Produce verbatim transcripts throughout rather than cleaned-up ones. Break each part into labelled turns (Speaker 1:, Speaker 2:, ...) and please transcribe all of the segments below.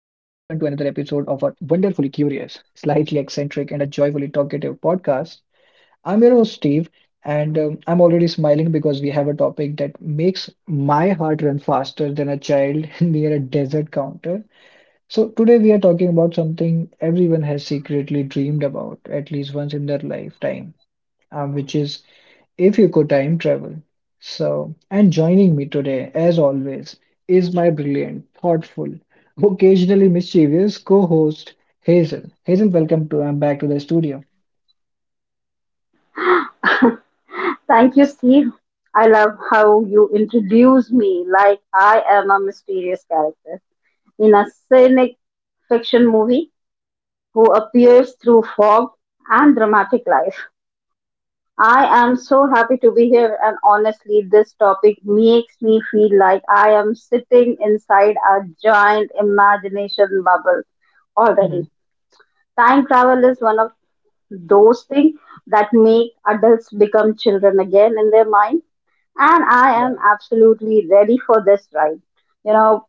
Speaker 1: curious, slightly eccentric, and a joyfully talkative podcast. I'm your host, Steve, and um, I'm already smiling because we have a topic that makes my heart run faster than a child near a desert counter. So, today we are talking about something everyone has secretly dreamed about at least once in their lifetime, um, which is if you could time travel. So, and joining me today, as always, is my brilliant, thoughtful, occasionally mischievous co-host Hazel. Hazel, welcome to I'm back to the studio.
Speaker 2: Thank you, Steve. I love how you introduce me like I am a mysterious character in a scenic fiction movie who appears through fog and dramatic life. I am so happy to be here, and honestly, this topic makes me feel like I am sitting inside a giant imagination bubble
Speaker 1: Mhm.
Speaker 2: already. Time travel is one of those things that make adults become children again in their mind. And I am
Speaker 1: Yeah.
Speaker 2: absolutely ready for this ride. You know,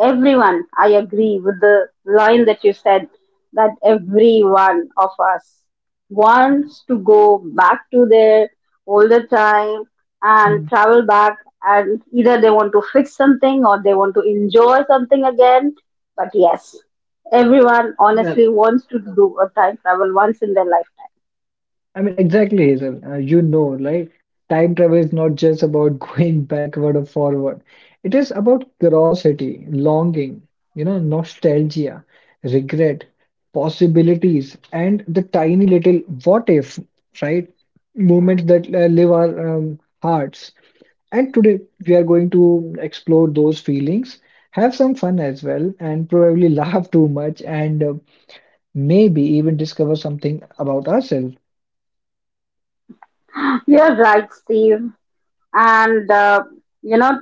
Speaker 2: Everyone, I agree with the line that you said that every one of us wants to go back to their older time and
Speaker 1: Mhm.
Speaker 2: travel back, and either they want to fix something or they want to enjoy something again. But yes, everyone
Speaker 1: Well,
Speaker 2: honestly wants to do a time travel once in their lifetime.
Speaker 1: I mean, exactly, Hazel. Uh, you know, like time travel is not just about going backward or forward. It is about curiosity, longing, you know, nostalgia, regret, possibilities, and the tiny little what if, right? Moments that uh, live our um, hearts. And today we are going to explore those feelings, have some fun as well, and probably laugh too much, and uh, maybe even discover something about ourselves.
Speaker 2: You're right, Steve. and uh, you know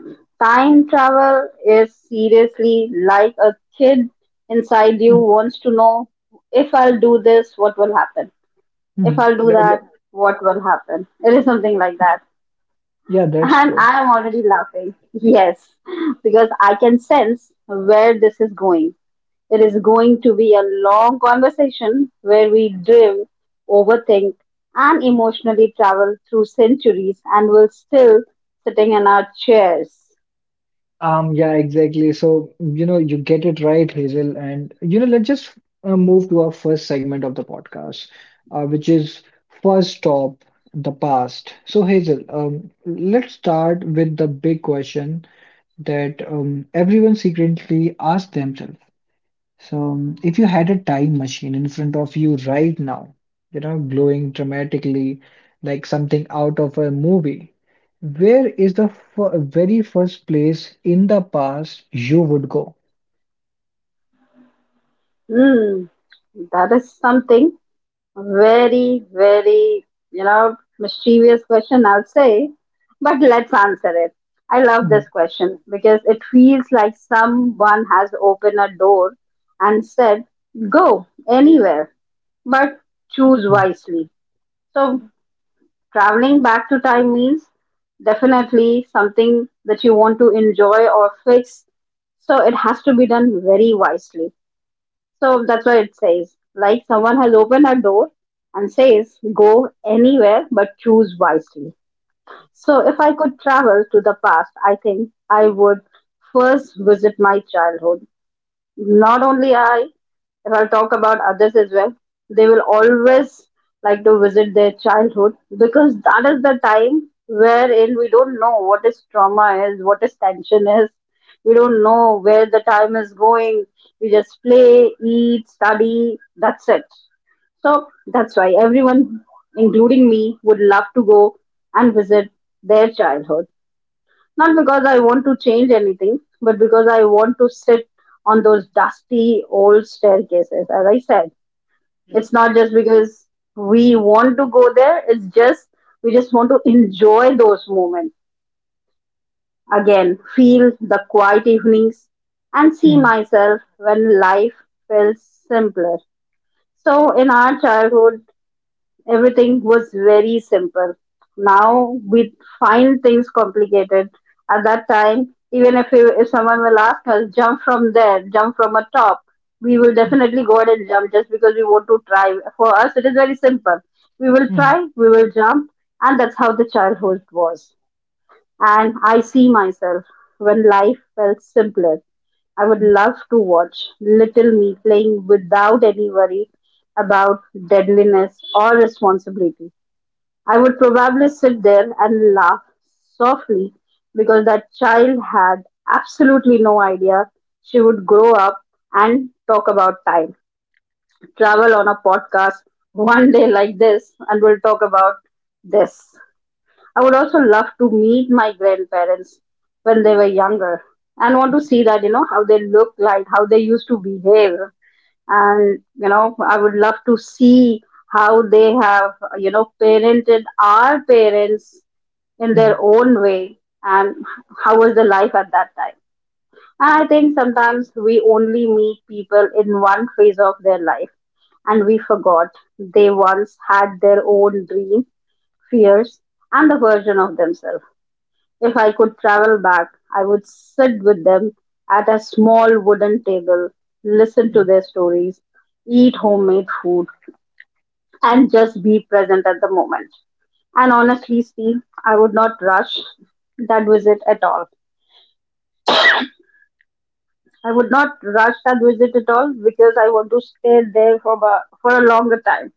Speaker 2: time travel is seriously like a kid inside you wants to know if I'll do this what will happen, if
Speaker 1: Mhm.
Speaker 2: I'll do
Speaker 1: That- Yeah,
Speaker 2: that what will happen. It is something like that,
Speaker 1: yeah, that's
Speaker 2: and
Speaker 1: true.
Speaker 2: I am already laughing. Yes, because I can sense where this is going. It is going to be a long conversation where we drill, overthink, and emotionally travel through centuries and we're still sitting in our chairs.
Speaker 1: Um, yeah, exactly. So, you know, you get it right, Hazel. And, you know, let's just uh, move to our first segment of the podcast, uh, which is first stop, the past. So, Hazel, um, let's start with the big question that um, everyone secretly asks themselves. So, um, if you had a time machine in front of you right now, you know, glowing dramatically like something out of a movie, where is the f very first place in the past you would go?
Speaker 2: Hmm, that is something very, very, you know, mischievous question, I'll say. But let's answer it. I love
Speaker 1: Mhm,
Speaker 2: this question because it feels like someone has opened a door and said, go anywhere, but choose
Speaker 1: mhm,
Speaker 2: wisely. So, traveling back to time means definitely something that you want to enjoy or fix. So, it has to be done very wisely, so that's what it says. Like someone has opened a door and says, go anywhere but choose wisely. So if I could travel to the past, I think I would first visit my childhood. Not only I, if I'll talk about others as well, they will always like to visit their childhood, because that is the time wherein we don't know what is trauma is, what is tension is. We don't know where the time is going. We just play, eat, study. That's it. So that's why everyone, including me, would love to go and visit their childhood, not because I want to change anything, but because I want to sit on those dusty old staircases. As I said,
Speaker 1: mhm,
Speaker 2: it's not just because we want to go there, it's just we just want to enjoy those moments. Again, feel the quiet evenings and see
Speaker 1: mhm,
Speaker 2: myself when life feels simpler. So, in our childhood, everything was very simple. Now we find things complicated. At that time, even if, you, if someone will ask us, jump from there, jump from a top, we will definitely go ahead and jump just because we want to try. For us, it is very simple. We will
Speaker 1: mhm,
Speaker 2: try, we will jump, and that's how the childhood was, and I see myself when life felt simpler. I would love to watch little me playing without any worry about deadliness or responsibility. I would probably sit there and laugh softly because that child had absolutely no idea she would grow up and talk about time. Travel on a podcast one day like this, and we'll talk about this. I would also love to meet my grandparents when they were younger and want to see that, you know, how they looked like, how they used to behave. And, you know, I would love to see how they have, you know, parented our parents in their
Speaker 1: mhm,
Speaker 2: own way, and how was the life at that time. And I think sometimes we only meet people in one phase of their life and we forgot they once had their own dream, fears, and the version of themselves. If I could travel back, I would sit with them at a small wooden table, listen to
Speaker 1: mhm,
Speaker 2: their stories, eat homemade food, and just be present at the moment. And honestly, Steve, I would not rush that visit at all. I would not rush that visit at all because I want to stay there for a, for a longer time.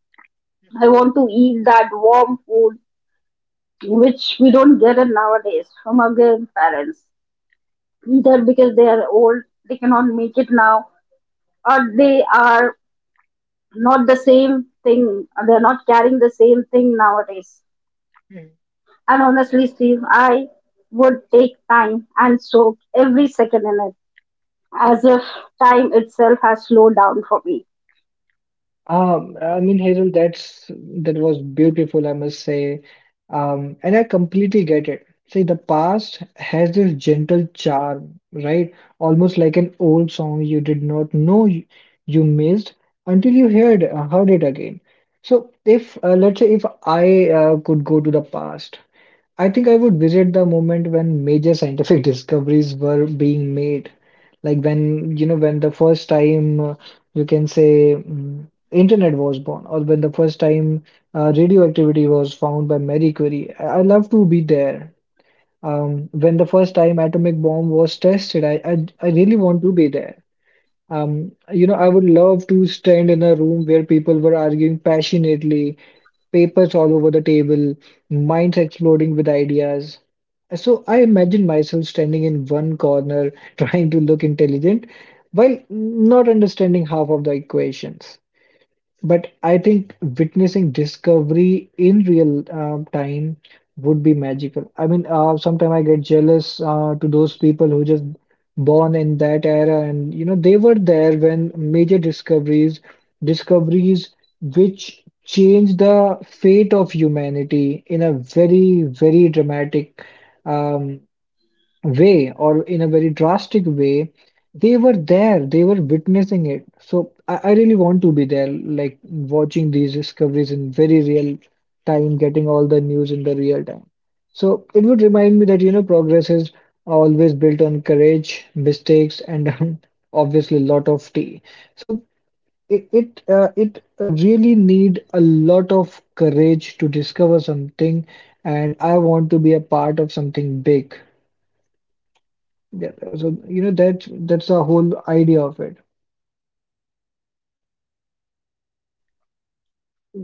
Speaker 2: I want to eat that warm food which we don't get it nowadays from our grandparents. Either because they are old, they cannot make it now, or they are not the same thing. They're not carrying the same thing nowadays.
Speaker 1: mhm.
Speaker 2: And honestly, Steve, I would take time and soak every second in it as if time itself has slowed down for me.
Speaker 1: Um, I mean, Hazel, that's that was beautiful, I must say. Um, and I completely get it. See, the past has this gentle charm, right? Almost like an old song you did not know you, you missed until you heard uh, heard it again. So, if uh, let's say if I uh, could go to the past, I think I would visit the moment when major scientific discoveries were being made. Like when, you know, when the first time uh, you can say mm, internet was born, or when the first time uh, radioactivity was found by Marie Curie. I, I love to be there. Um, when the first time atomic bomb was tested, I, I, I really want to be there. Um, you know, I would love to stand in a room where people were arguing passionately, papers all over the table, minds exploding with ideas. So I imagine myself standing in one corner trying to look intelligent while not understanding half of the equations. But I think witnessing discovery in real um, time would be magical. I mean, uh, sometimes I get jealous uh, to those people who just born in that era, and you know they were there when major discoveries, discoveries which changed the fate of humanity in a very, very dramatic um, way or in a very drastic way. They were there, they were witnessing it, so I, I really want to be there, like watching these discoveries in very real time, getting all the news in the real time. So it would remind me that, you know, progress is always built on courage, mistakes, and obviously a lot of tea. So it it, uh, it really need a lot of courage to discover something, and I want to be a part of something big. Yeah, so you know that that's the whole idea of it.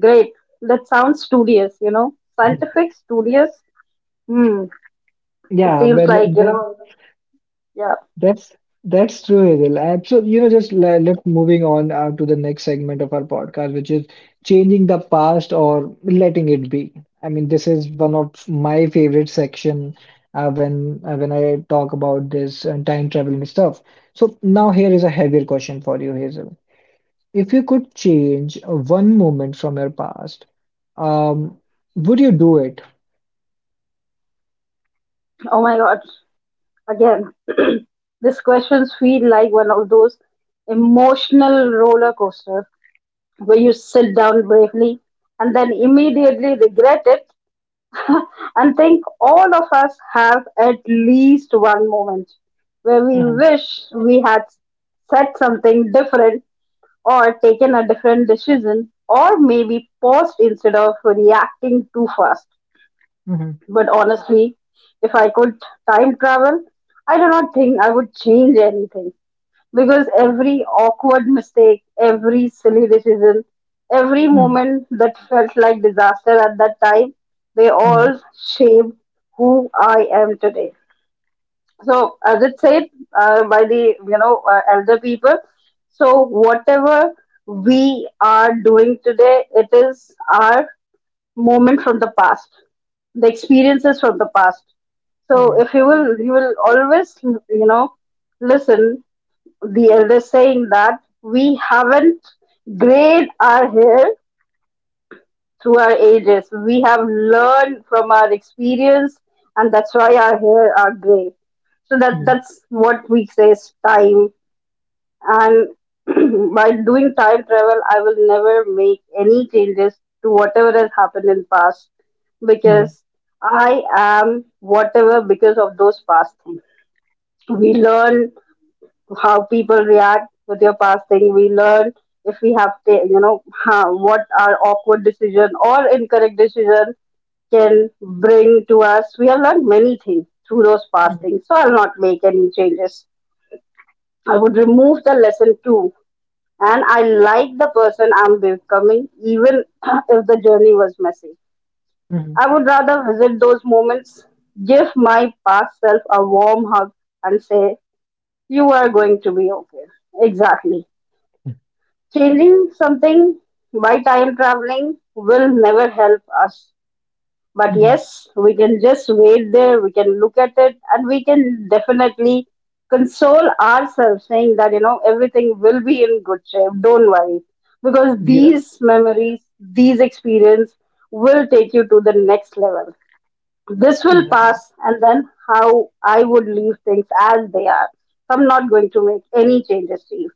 Speaker 2: Great. That sounds studious, you know. Scientific, studious. Hmm. It
Speaker 1: Yeah, well,
Speaker 2: seems like, you
Speaker 1: that
Speaker 2: know, yeah.
Speaker 1: that's that's true, Hazel. And so, you know, just let, let moving on uh, to the next segment of our podcast, which is changing the past or letting it be. I mean, this is one of my favorite section uh, when uh, when I talk about this and time travel and stuff. So now here is a heavier question for you, Hazel. If you could change uh, one moment from your past, um, would you do it?
Speaker 2: Oh my God. Again, these questions feel like one of those emotional roller coasters where you sit down bravely and then immediately regret it and think all of us have at least one moment where we wish we had said something different or taken a different decision or maybe paused instead of reacting too fast.
Speaker 1: Mhm,
Speaker 2: But honestly, if I could time travel, I do not think I would change anything, because every awkward mistake, every silly decision, every
Speaker 1: mhm,
Speaker 2: moment that felt like disaster at that time, they
Speaker 1: mhm,
Speaker 2: all shaped who I am today. So, as it said uh, by the you know uh, elder people, so whatever we are doing today, it is our moment from the past, the experiences from the past. So,
Speaker 1: mhm,
Speaker 2: if you will, you will always you know listen the elders saying that we haven't grayed our hair through our ages. We have learned from our experience, and that's why our hair are gray. So that
Speaker 1: mhm,
Speaker 2: that's what we say is time. And by doing time travel, I will never make any changes to whatever has happened in past, because I am whatever because of those past things. We learn how people react with your passing. We learn if we have to, you know, how, what our awkward decision or incorrect decision can bring to us. We have learned many things through those
Speaker 1: mhm,
Speaker 2: passings. So I'll not make any changes. I would remove the lesson too. And I like the person I'm becoming, even if the journey was messy.
Speaker 1: mhm,
Speaker 2: I would rather visit those moments, give my past self a warm hug, and say, you are going to be okay. Exactly.
Speaker 1: mhm,
Speaker 2: Changing something by time traveling will never help us. But
Speaker 1: mhm.
Speaker 2: yes, we can just wait there, we can look at it, and we can definitely console ourselves saying that, you know, everything will be in good shape. Don't worry. Because
Speaker 1: Yeah,
Speaker 2: these memories, these experience will take you to the next level. This will
Speaker 1: yeah.
Speaker 2: pass, and then how I would leave things as they are. I'm not going to make any changes to it.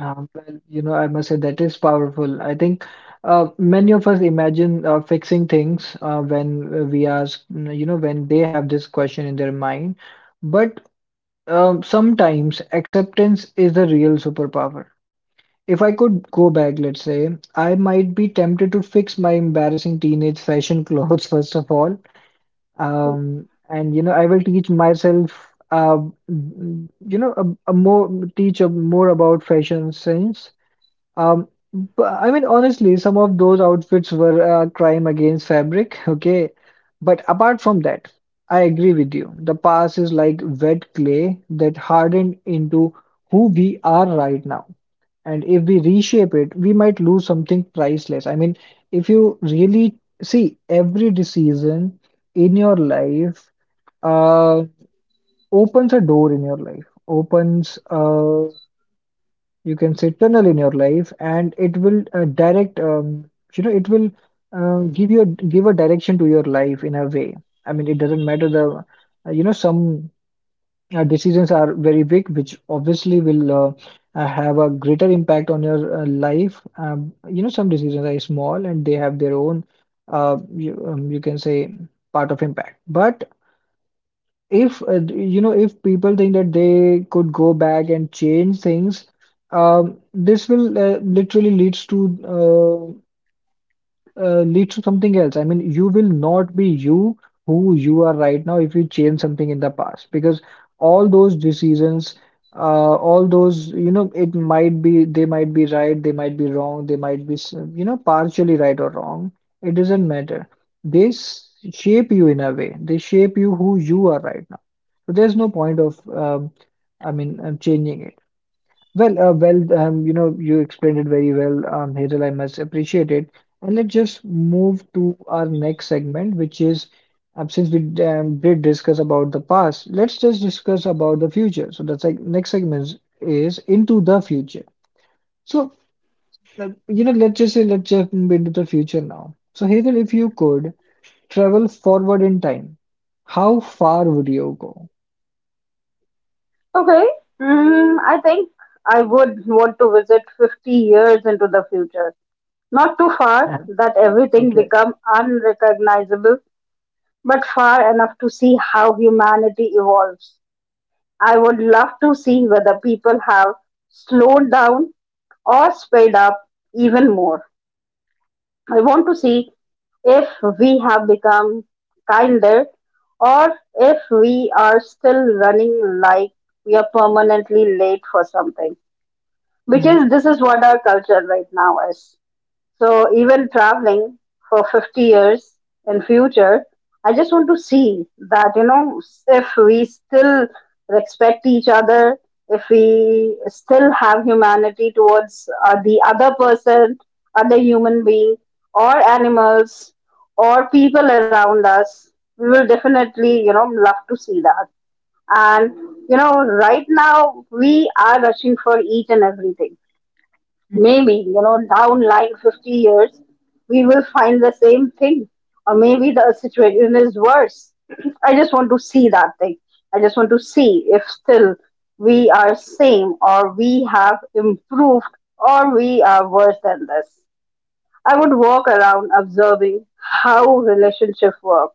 Speaker 1: Um, well, you know, I must say that is powerful. I think uh, many of us imagine uh, fixing things uh, when uh, we ask, mm, you know, when they have this question in their mind. But um, sometimes acceptance is the real superpower. If I could go back, let's say, I might be tempted to fix my embarrassing teenage fashion clothes, first of all. Um, and you know, I will teach myself, uh, mm, you know, a, a more teach a, more about fashion sense. Um, but I mean, honestly, some of those outfits were a crime against fabric. Okay, but apart from that, I agree with you. The past is like wet clay that hardened into who we are right now. And if we reshape it, we might lose something priceless. I mean, if you really see every decision in your life, uh, opens a door in your life, opens, uh, you can say, tunnel in your life, and it will uh, direct, um, you know, it will uh, give you a, give a direction to your life in a way. I mean, it doesn't matter the, uh, you know, some uh, decisions are very big, which obviously will uh, uh, have a greater impact on your uh, life. Um, you know, some decisions are small and they have their own, uh, you, um, you can say, part of impact. But if uh, you know, if people think that they could go back and change things, um, this will uh, literally leads to uh, uh, leads to something else. I mean, you will not be you who you are right now if you change something in the past, because all those decisions, uh, all those, you know, it might be they might be right, they might be wrong, they might be, s- you know, partially right or wrong. It doesn't matter. They s- shape you in a way. They shape you who you are right now. So there's no point of, um, I mean, uh, changing it. Well, uh, well, um, you know, you explained it very well, um, Hazel. I must appreciate it. And let's just move to our next segment, which is, um, since we um, did discuss about the past, let's just discuss about the future. So that's like next segment is is into the future. So uh, you know, let's just say let's jump into the future now. So Hazel, if you could travel forward in time, how far would you go?
Speaker 2: Okay. Mm, I think I would want to visit fifty years into the future. Not too far
Speaker 1: Yeah,
Speaker 2: that everything
Speaker 1: Okay,
Speaker 2: become unrecognizable, but far enough to see how humanity evolves. I would love to see whether people have slowed down or sped up even more. I want to see if we have become kinder or if we are still running like we are permanently late for something,
Speaker 1: Mm,
Speaker 2: because this is what our culture right now is. So even traveling for fifty years in future, I just want to see that, you know if we still respect each other, if we still have humanity towards uh, the other person, other human being, or animals, or people around us. We will definitely you know love to see that. And, you know, right now we are rushing for each and everything.
Speaker 1: mm,
Speaker 2: Maybe, you know, down line fifty years, we will find the same thing. Or maybe the situation is worse. I just want to see that thing. I just want to see if still we are same or we have improved or we are worse than this. I would walk around observing how relationship work,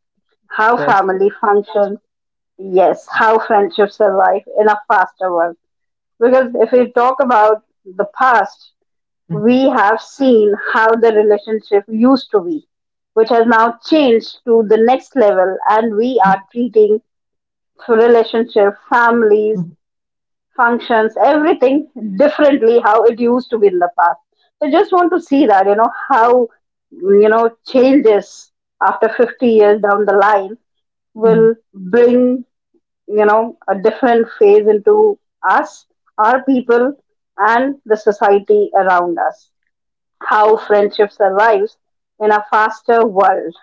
Speaker 2: how
Speaker 1: that's great.
Speaker 2: family functions, yes, how friendships survive in a faster world. Because if we talk about the past,
Speaker 1: Mm,
Speaker 2: we have seen how the relationship used to be, which has now changed to the next level, and we are treating relationship, families,
Speaker 1: mm,
Speaker 2: functions, everything differently how it used to be in the past. So just want to see that, you know, how you know changes after fifty years down the line
Speaker 1: mm,
Speaker 2: will bring, you know a different phase into us, our people, and the society around us, how friendship survives in a faster world.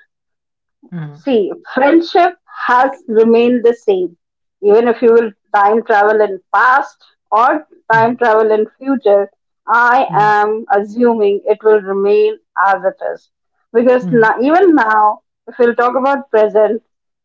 Speaker 1: mm.
Speaker 2: See, friendship has remained the same. Even if you will time travel in past or
Speaker 1: Mhm,
Speaker 2: time travel in future, I
Speaker 1: mhm,
Speaker 2: am assuming it will remain as it is. Because
Speaker 1: mhm,
Speaker 2: now, even now, if we'll talk about present,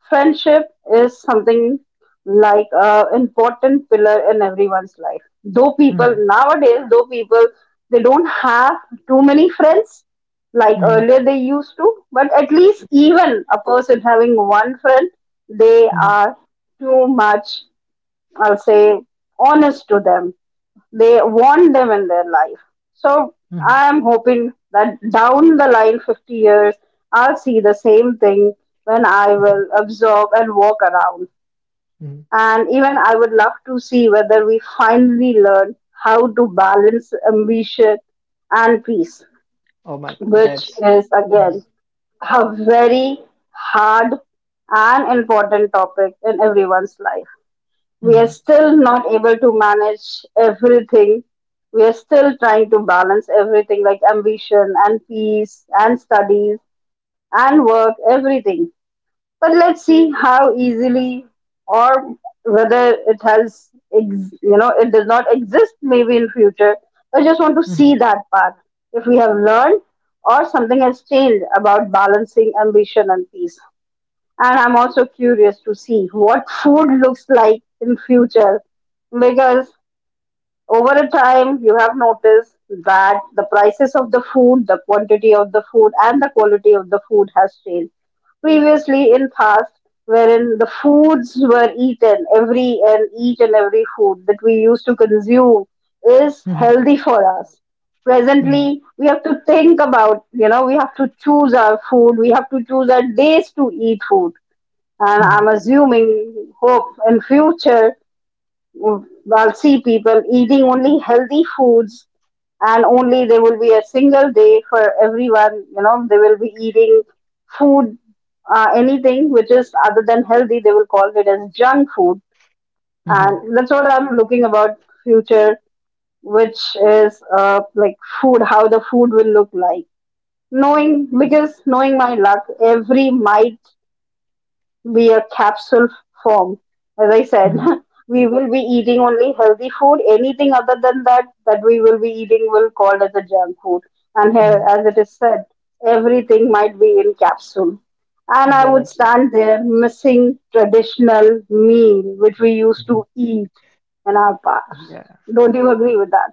Speaker 2: friendship is something like a important pillar in everyone's life. Though people
Speaker 1: mhm,
Speaker 2: nowadays, though people they don't have too many friends like
Speaker 1: mhm,
Speaker 2: earlier they used to. But at least even a person having one friend, they
Speaker 1: mhm,
Speaker 2: are too much, I'll say, honest to them. They want them in their life. So
Speaker 1: mhm,
Speaker 2: I am hoping that down the line, fifty years, I'll see the same thing when I
Speaker 1: mhm,
Speaker 2: will observe and walk around.
Speaker 1: mhm.
Speaker 2: And even I would love to see whether we finally learn how to balance ambition and peace,
Speaker 1: Oh my God,
Speaker 2: which
Speaker 1: that's
Speaker 2: is
Speaker 1: Mhm,
Speaker 2: again a very hard and important topic in everyone's life. We are
Speaker 1: mhm,
Speaker 2: still not able to manage everything. We are still trying to balance everything like ambition and peace and studies and work, everything. But let's see how easily or whether it has, ex- you know, it does not exist maybe in future. I just want to
Speaker 1: mhm,
Speaker 2: see that part. If we have learned or something has changed about balancing ambition and peace. And I'm also curious to see what food looks like in future because over a time you have noticed that the prices of the food, the quantity of the food, and the quality of the food has changed previously in past, wherein the foods were eaten, every and each and every food that we used to consume is
Speaker 1: mhm,
Speaker 2: healthy for us.
Speaker 1: mhm,
Speaker 2: Presently, we have to think about, you know, we have to choose our food, we have to choose our days to eat food, and
Speaker 1: mhm,
Speaker 2: I'm assuming, hope in future I'll see people eating only healthy foods, and only there will be a single day for everyone, you know, they will be eating food, uh, anything which is other than healthy they will call it as junk food.
Speaker 1: mhm,
Speaker 2: And that's what I'm looking about future, which is uh, like food, how the food will look like, knowing, because knowing my luck, every mite be a capsule form. As I said,
Speaker 1: mhm,
Speaker 2: we will be eating only healthy food. Anything other than that, that we will be eating will called as a junk food. And here,
Speaker 1: mhm.
Speaker 2: as it is said, everything might be in capsule. And I
Speaker 1: yeah,
Speaker 2: would
Speaker 1: that's uh,
Speaker 2: stand there missing traditional meal which we used
Speaker 1: Mhm.
Speaker 2: to eat in our past.
Speaker 1: yeah.
Speaker 2: Don't you agree with that?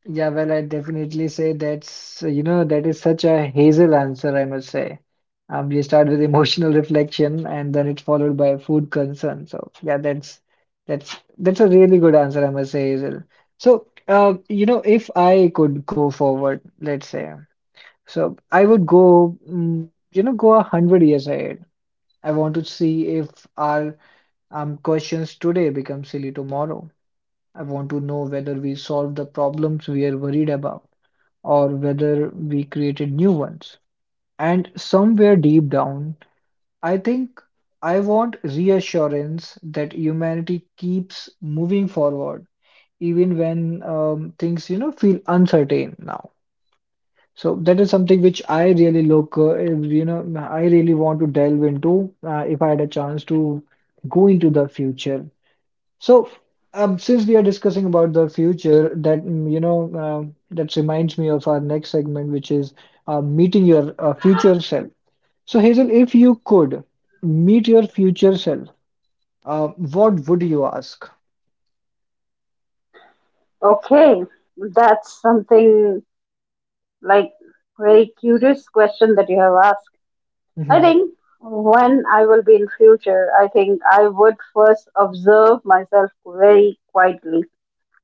Speaker 1: Yeah, well, I definitely say that's, you know, that is such a hazel answer, I must say. Um, you start with emotional reflection and then it's followed by food concern. So yeah, that's that's that's a really good answer, I must say, Hazel. So, uh, you know, if I could go forward, let's say, so I would go, mm, you know, go a hundred years ahead. I want to see if our um questions today become silly tomorrow. I want to know whether we solve the problems we are worried about, or whether we created new ones. And somewhere deep down, I think I want reassurance that humanity keeps moving forward, even when um, things, you know, feel uncertain now. So that is something which I really look, uh, you know, I really want to delve into uh, if I had a chance to go into the future. So, um, since we are discussing about the future, that mm, you know, um, that reminds me of our next segment, which is uh, meeting your uh, future self. So, Hazel, if you could meet your future self, uh, what would you ask?
Speaker 2: Okay, that's something like very curious question that you have asked. I
Speaker 1: Mm-hmm.
Speaker 2: think when I will be in future, I think I would first observe myself very quietly.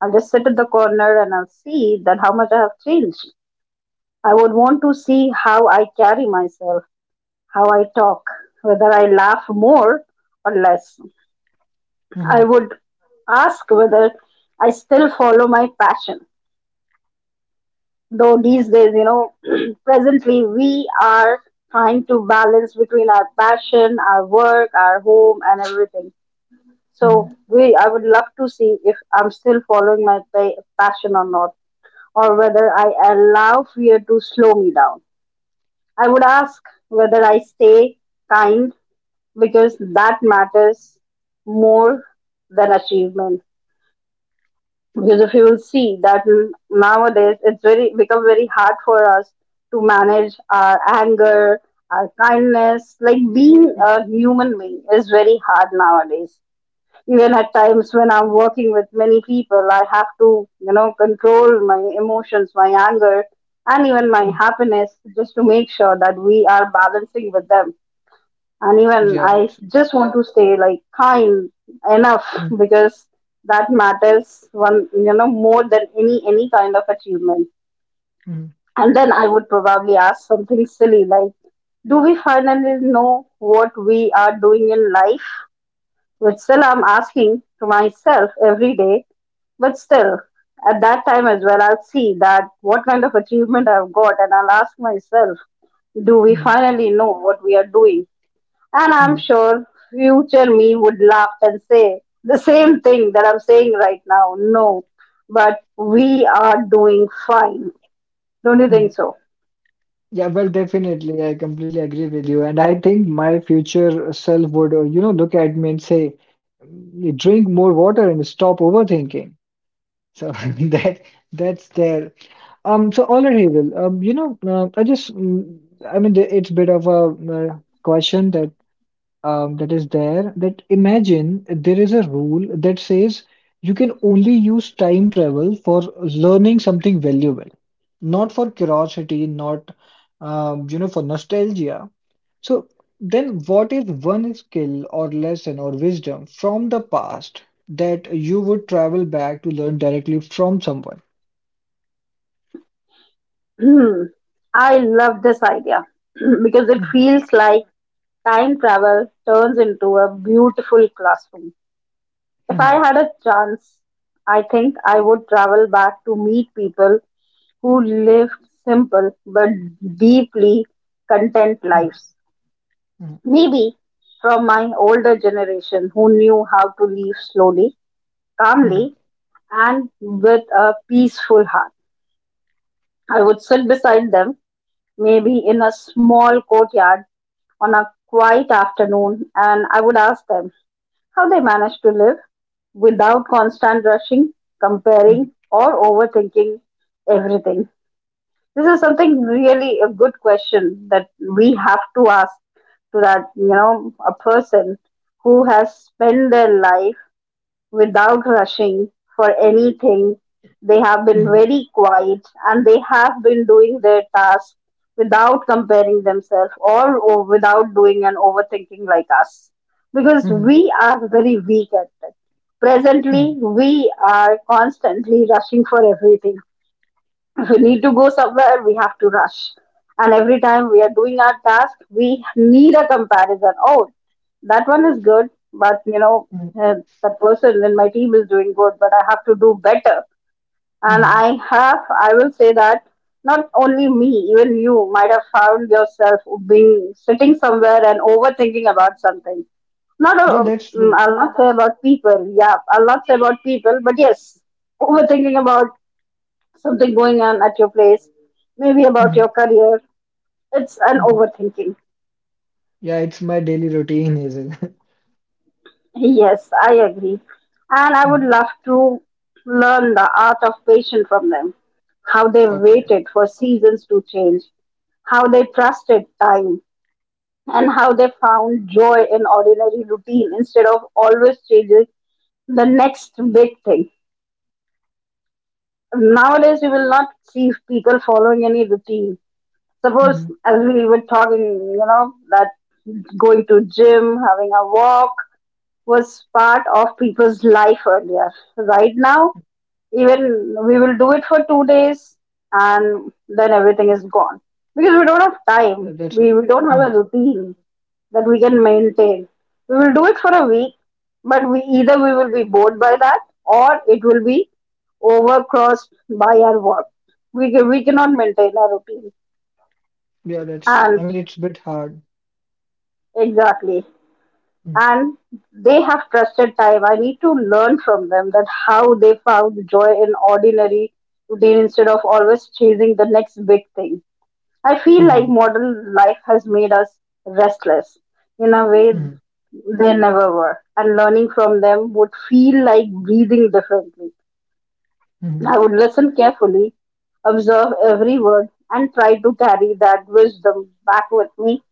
Speaker 2: I'll just sit in the corner and I'll see that how much I have changed. I would want to see how I carry myself, how I talk, whether I laugh more or less. I
Speaker 1: Mm-hmm.
Speaker 2: would ask whether I still follow my passion. Though these days, you know, presently we are trying to balance between our passion, our work, our home, and everything.
Speaker 1: hmm
Speaker 2: So we, I would love to see if I'm still following my pa- passion or not, or whether I allow fear to slow me down. I would ask whether I stay kind because that matters more than achievement. Because if you will see that n- nowadays it's very become very hard for us to manage our anger, our kindness. Like being a human being is very hard nowadays. Even at times when I'm working with many people, I have to, you know, control my emotions, my anger, and even my
Speaker 1: hmm
Speaker 2: happiness just to make sure that we are balancing with them. And even
Speaker 1: Yeah,
Speaker 2: I
Speaker 1: that's
Speaker 2: just want to stay like kind enough because that matters one, you know, more than any any kind of achievement.
Speaker 1: Mm-hmm.
Speaker 2: And then I would probably ask something silly like, do we finally know what we are doing in life? Which still I'm asking to myself every day, but still, at that time as well, I'll see that what kind of achievement I've got, and I'll ask myself, do we
Speaker 1: Mm-hmm.
Speaker 2: finally know what we are doing? And I'm
Speaker 1: hmm
Speaker 2: sure future me would laugh and say the same thing that I'm saying right now. No, but we are doing fine. Don't you
Speaker 1: hmm
Speaker 2: think so?
Speaker 1: yeah. Well, definitely, I completely agree with you, and I think my future self would, uh, you know, look at me and say, "Mm, "Drink more water and stop overthinking." So that that's there. Um. So all right, Havel. Um. You know, uh, I just, mm, I mean, the- it's a bit of a uh, question that um, that is there that imagine there is a rule that says you can only use time travel for learning something valuable, not for curiosity, not um, you know, for nostalgia. So then what is one skill or lesson or wisdom from the past that you would travel back to learn directly from someone?
Speaker 2: Hmm. I love this idea because it
Speaker 1: Mhm,
Speaker 2: feels like time travel turns into a beautiful classroom. If
Speaker 1: mhm,
Speaker 2: I had a chance, I think I would travel back to meet people who lived simple but deeply content
Speaker 1: mhm,
Speaker 2: lives. Maybe from my older generation who knew how to live slowly,
Speaker 1: mhm, mhm,
Speaker 2: calmly, and with a peaceful heart. I would sit beside them, maybe in a small courtyard on a quiet afternoon, and I would ask them, how they manage to live without constant rushing,
Speaker 1: mhm,
Speaker 2: comparing, or overthinking everything. This is something really a good question that we have to ask to that, you know, a person who has spent their life without rushing for anything. They have been
Speaker 1: mhm,
Speaker 2: very quiet and they have been doing their task without comparing themselves or, or without doing an overthinking like us. Because
Speaker 1: mhm,
Speaker 2: we are very weak at it. Presently,
Speaker 1: mhm,
Speaker 2: we are constantly rushing for everything. We need to go somewhere, we have to rush, and every time we are doing our task we need a comparison. Oh, that one is good, but you know,
Speaker 1: mhm,
Speaker 2: uh, that person in my team is doing good but I have to do better. And
Speaker 1: mhm.
Speaker 2: i have I will say that not only me, even you might have found yourself being sitting somewhere and overthinking about something. Not a,
Speaker 1: Yeah,
Speaker 2: um,
Speaker 1: that's true.
Speaker 2: I'll not say about people. Yeah, I'll not say about people, but yes, overthinking about something going on at your place, maybe about
Speaker 1: Mhm,
Speaker 2: your career. It's an
Speaker 1: mhm.
Speaker 2: overthinking.
Speaker 1: Yeah, it's my daily routine, Hazel.
Speaker 2: Yes, I agree. And I would
Speaker 1: Mhm.
Speaker 2: love to learn the art of patience from them, how they
Speaker 1: Okay.
Speaker 2: waited for seasons to change, how they trusted time, and how they found joy in ordinary routine instead of always chasing the next big thing. Nowadays, you will not see people following any routine.
Speaker 1: hmm
Speaker 2: Suppose, as we were talking, you know, that going to gym, having a walk was part of people's life earlier. Right now, even we will do it for two days and then everything is gone. Because we don't have
Speaker 1: Yeah,
Speaker 2: time.
Speaker 1: That's
Speaker 2: We, we don't have a
Speaker 1: Mhm.
Speaker 2: routine that we can maintain. We will do it for a week, but we either we will be bored by that or it will be overcrossed by our work. We, ca- we cannot maintain our routine.
Speaker 1: Yeah, that's true. I
Speaker 2: And.
Speaker 1: mean, it's a bit hard.
Speaker 2: Exactly. And they have trusted time. I need to learn from them that how they found joy in ordinary routine instead of always chasing the next big thing. I feel
Speaker 1: Mm-hmm.
Speaker 2: like modern life has made us restless in a way
Speaker 1: hmm
Speaker 2: they never were. And learning from them would feel like breathing differently. I
Speaker 1: hmm
Speaker 2: would listen carefully, observe every word, and try to carry that wisdom back with me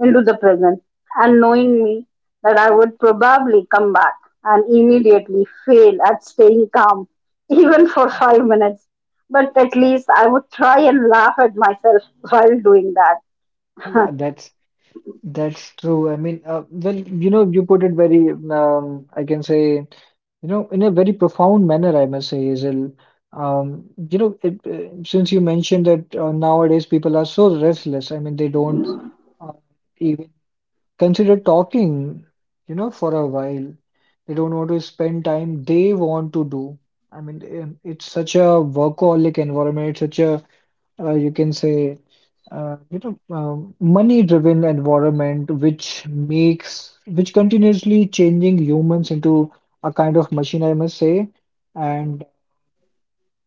Speaker 2: into the present. And knowing me that I would probably come back and immediately fail at staying calm, even for five minutes. But at least I would try and laugh at myself while doing that.
Speaker 1: Yeah, that's that's true. I mean, uh, well, you know, you put it very, um, I can say, you know, in a very profound manner, I must say, Hazel. Um, you know, it, uh, since you mentioned that uh, nowadays people are so restless. I mean, they don't uh, even consider talking, you know, for a while. They don't want to spend time they want to do. I mean, um, it's such a workaholic environment. It's such a, uh, you can say, uh, you know, um, money-driven environment, which makes, which continuously changing humans into a kind of machine, I must say. And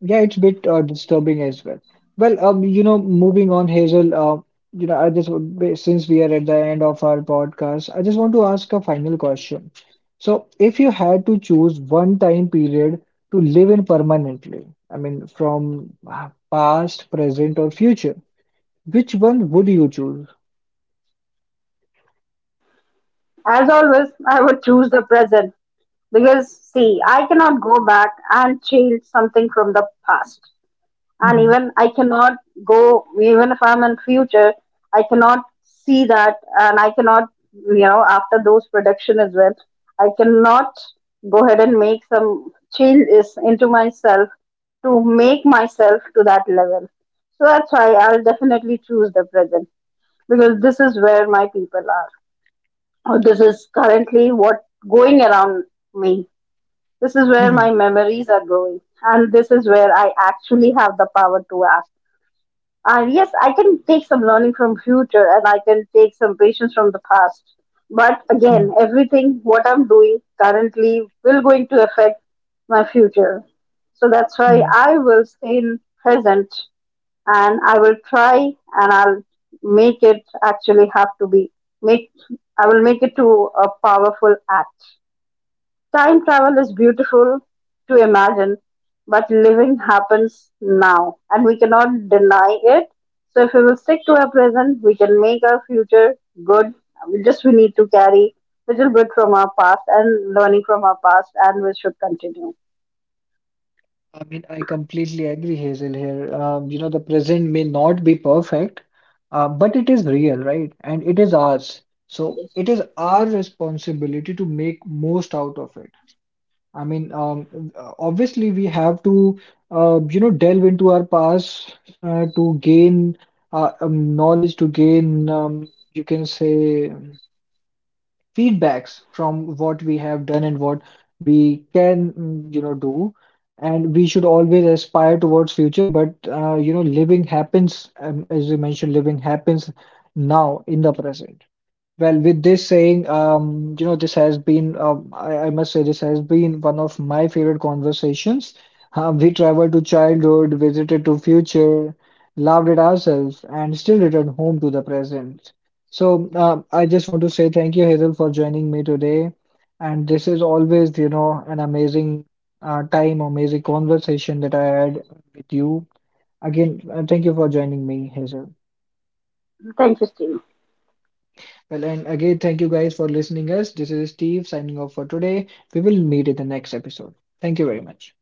Speaker 1: yeah, it's a bit uh, disturbing as well. Well, um, you know, moving on, Hazel, uh, you know, I just would be- since we are at the end of our podcast, I just want to ask a final question. So, if you had to choose one time period to live in permanently, I mean, from uh, past, present, or future, which one would you choose?
Speaker 2: As always, I would choose the present because, see, I cannot go back and change something from the past. And
Speaker 1: hmm
Speaker 2: even I cannot go, even if I'm in future, I cannot see that. And I cannot, you know, after those production as well, I cannot go ahead and make some changes into myself to make myself to that level. So that's why I'll definitely choose the present, because this is where my people are, or this is currently what going around me, this is where my
Speaker 1: hmm
Speaker 2: memories are going, and this is where I actually have the power to act. Uh, yes, I can take some learning from future and I can take some patience from the past. But again, everything what I'm doing currently will going to affect my future. So that's why
Speaker 1: hmm
Speaker 2: I will stay in present, and I will try, and I'll make it, actually have to be make I will make it to a powerful act. Time travel is beautiful to imagine, but living happens now and we cannot deny it. So, if we will stick to our present, we can make our future good. We Just we need to carry little bit from our past and learning from our past, and we should continue.
Speaker 1: I mean, I completely agree, Hazel, here. Um, you know, the present may not be perfect, uh, but it is real, right? And it is ours. So it is our responsibility to make most out of it. I mean, um, uh, obviously, we have to, uh, you know, delve into our past uh, to gain uh, um, knowledge, to gain, um, you can say, feedbacks from what we have done and what we can mm, you know do, and we should always aspire towards future. But uh, you know, living happens, um, as you mentioned, living happens now in the present. Well, with this saying, um, you know, this has been, um, I, I must say, this has been one of my favorite conversations. Um, we traveled to childhood, visited to future, loved it ourselves, and still returned home to the present. So, um, I just want to say thank you, Hazel, for joining me today. And this is always, you know, an amazing uh, time, amazing conversation that I had with you. Again, uh, thank you for joining me, Hazel.
Speaker 2: Thank you, Steve.
Speaker 1: Well, and again, thank you guys for listening us. This is Steve signing off for today. We will meet in the next episode. Thank you very much.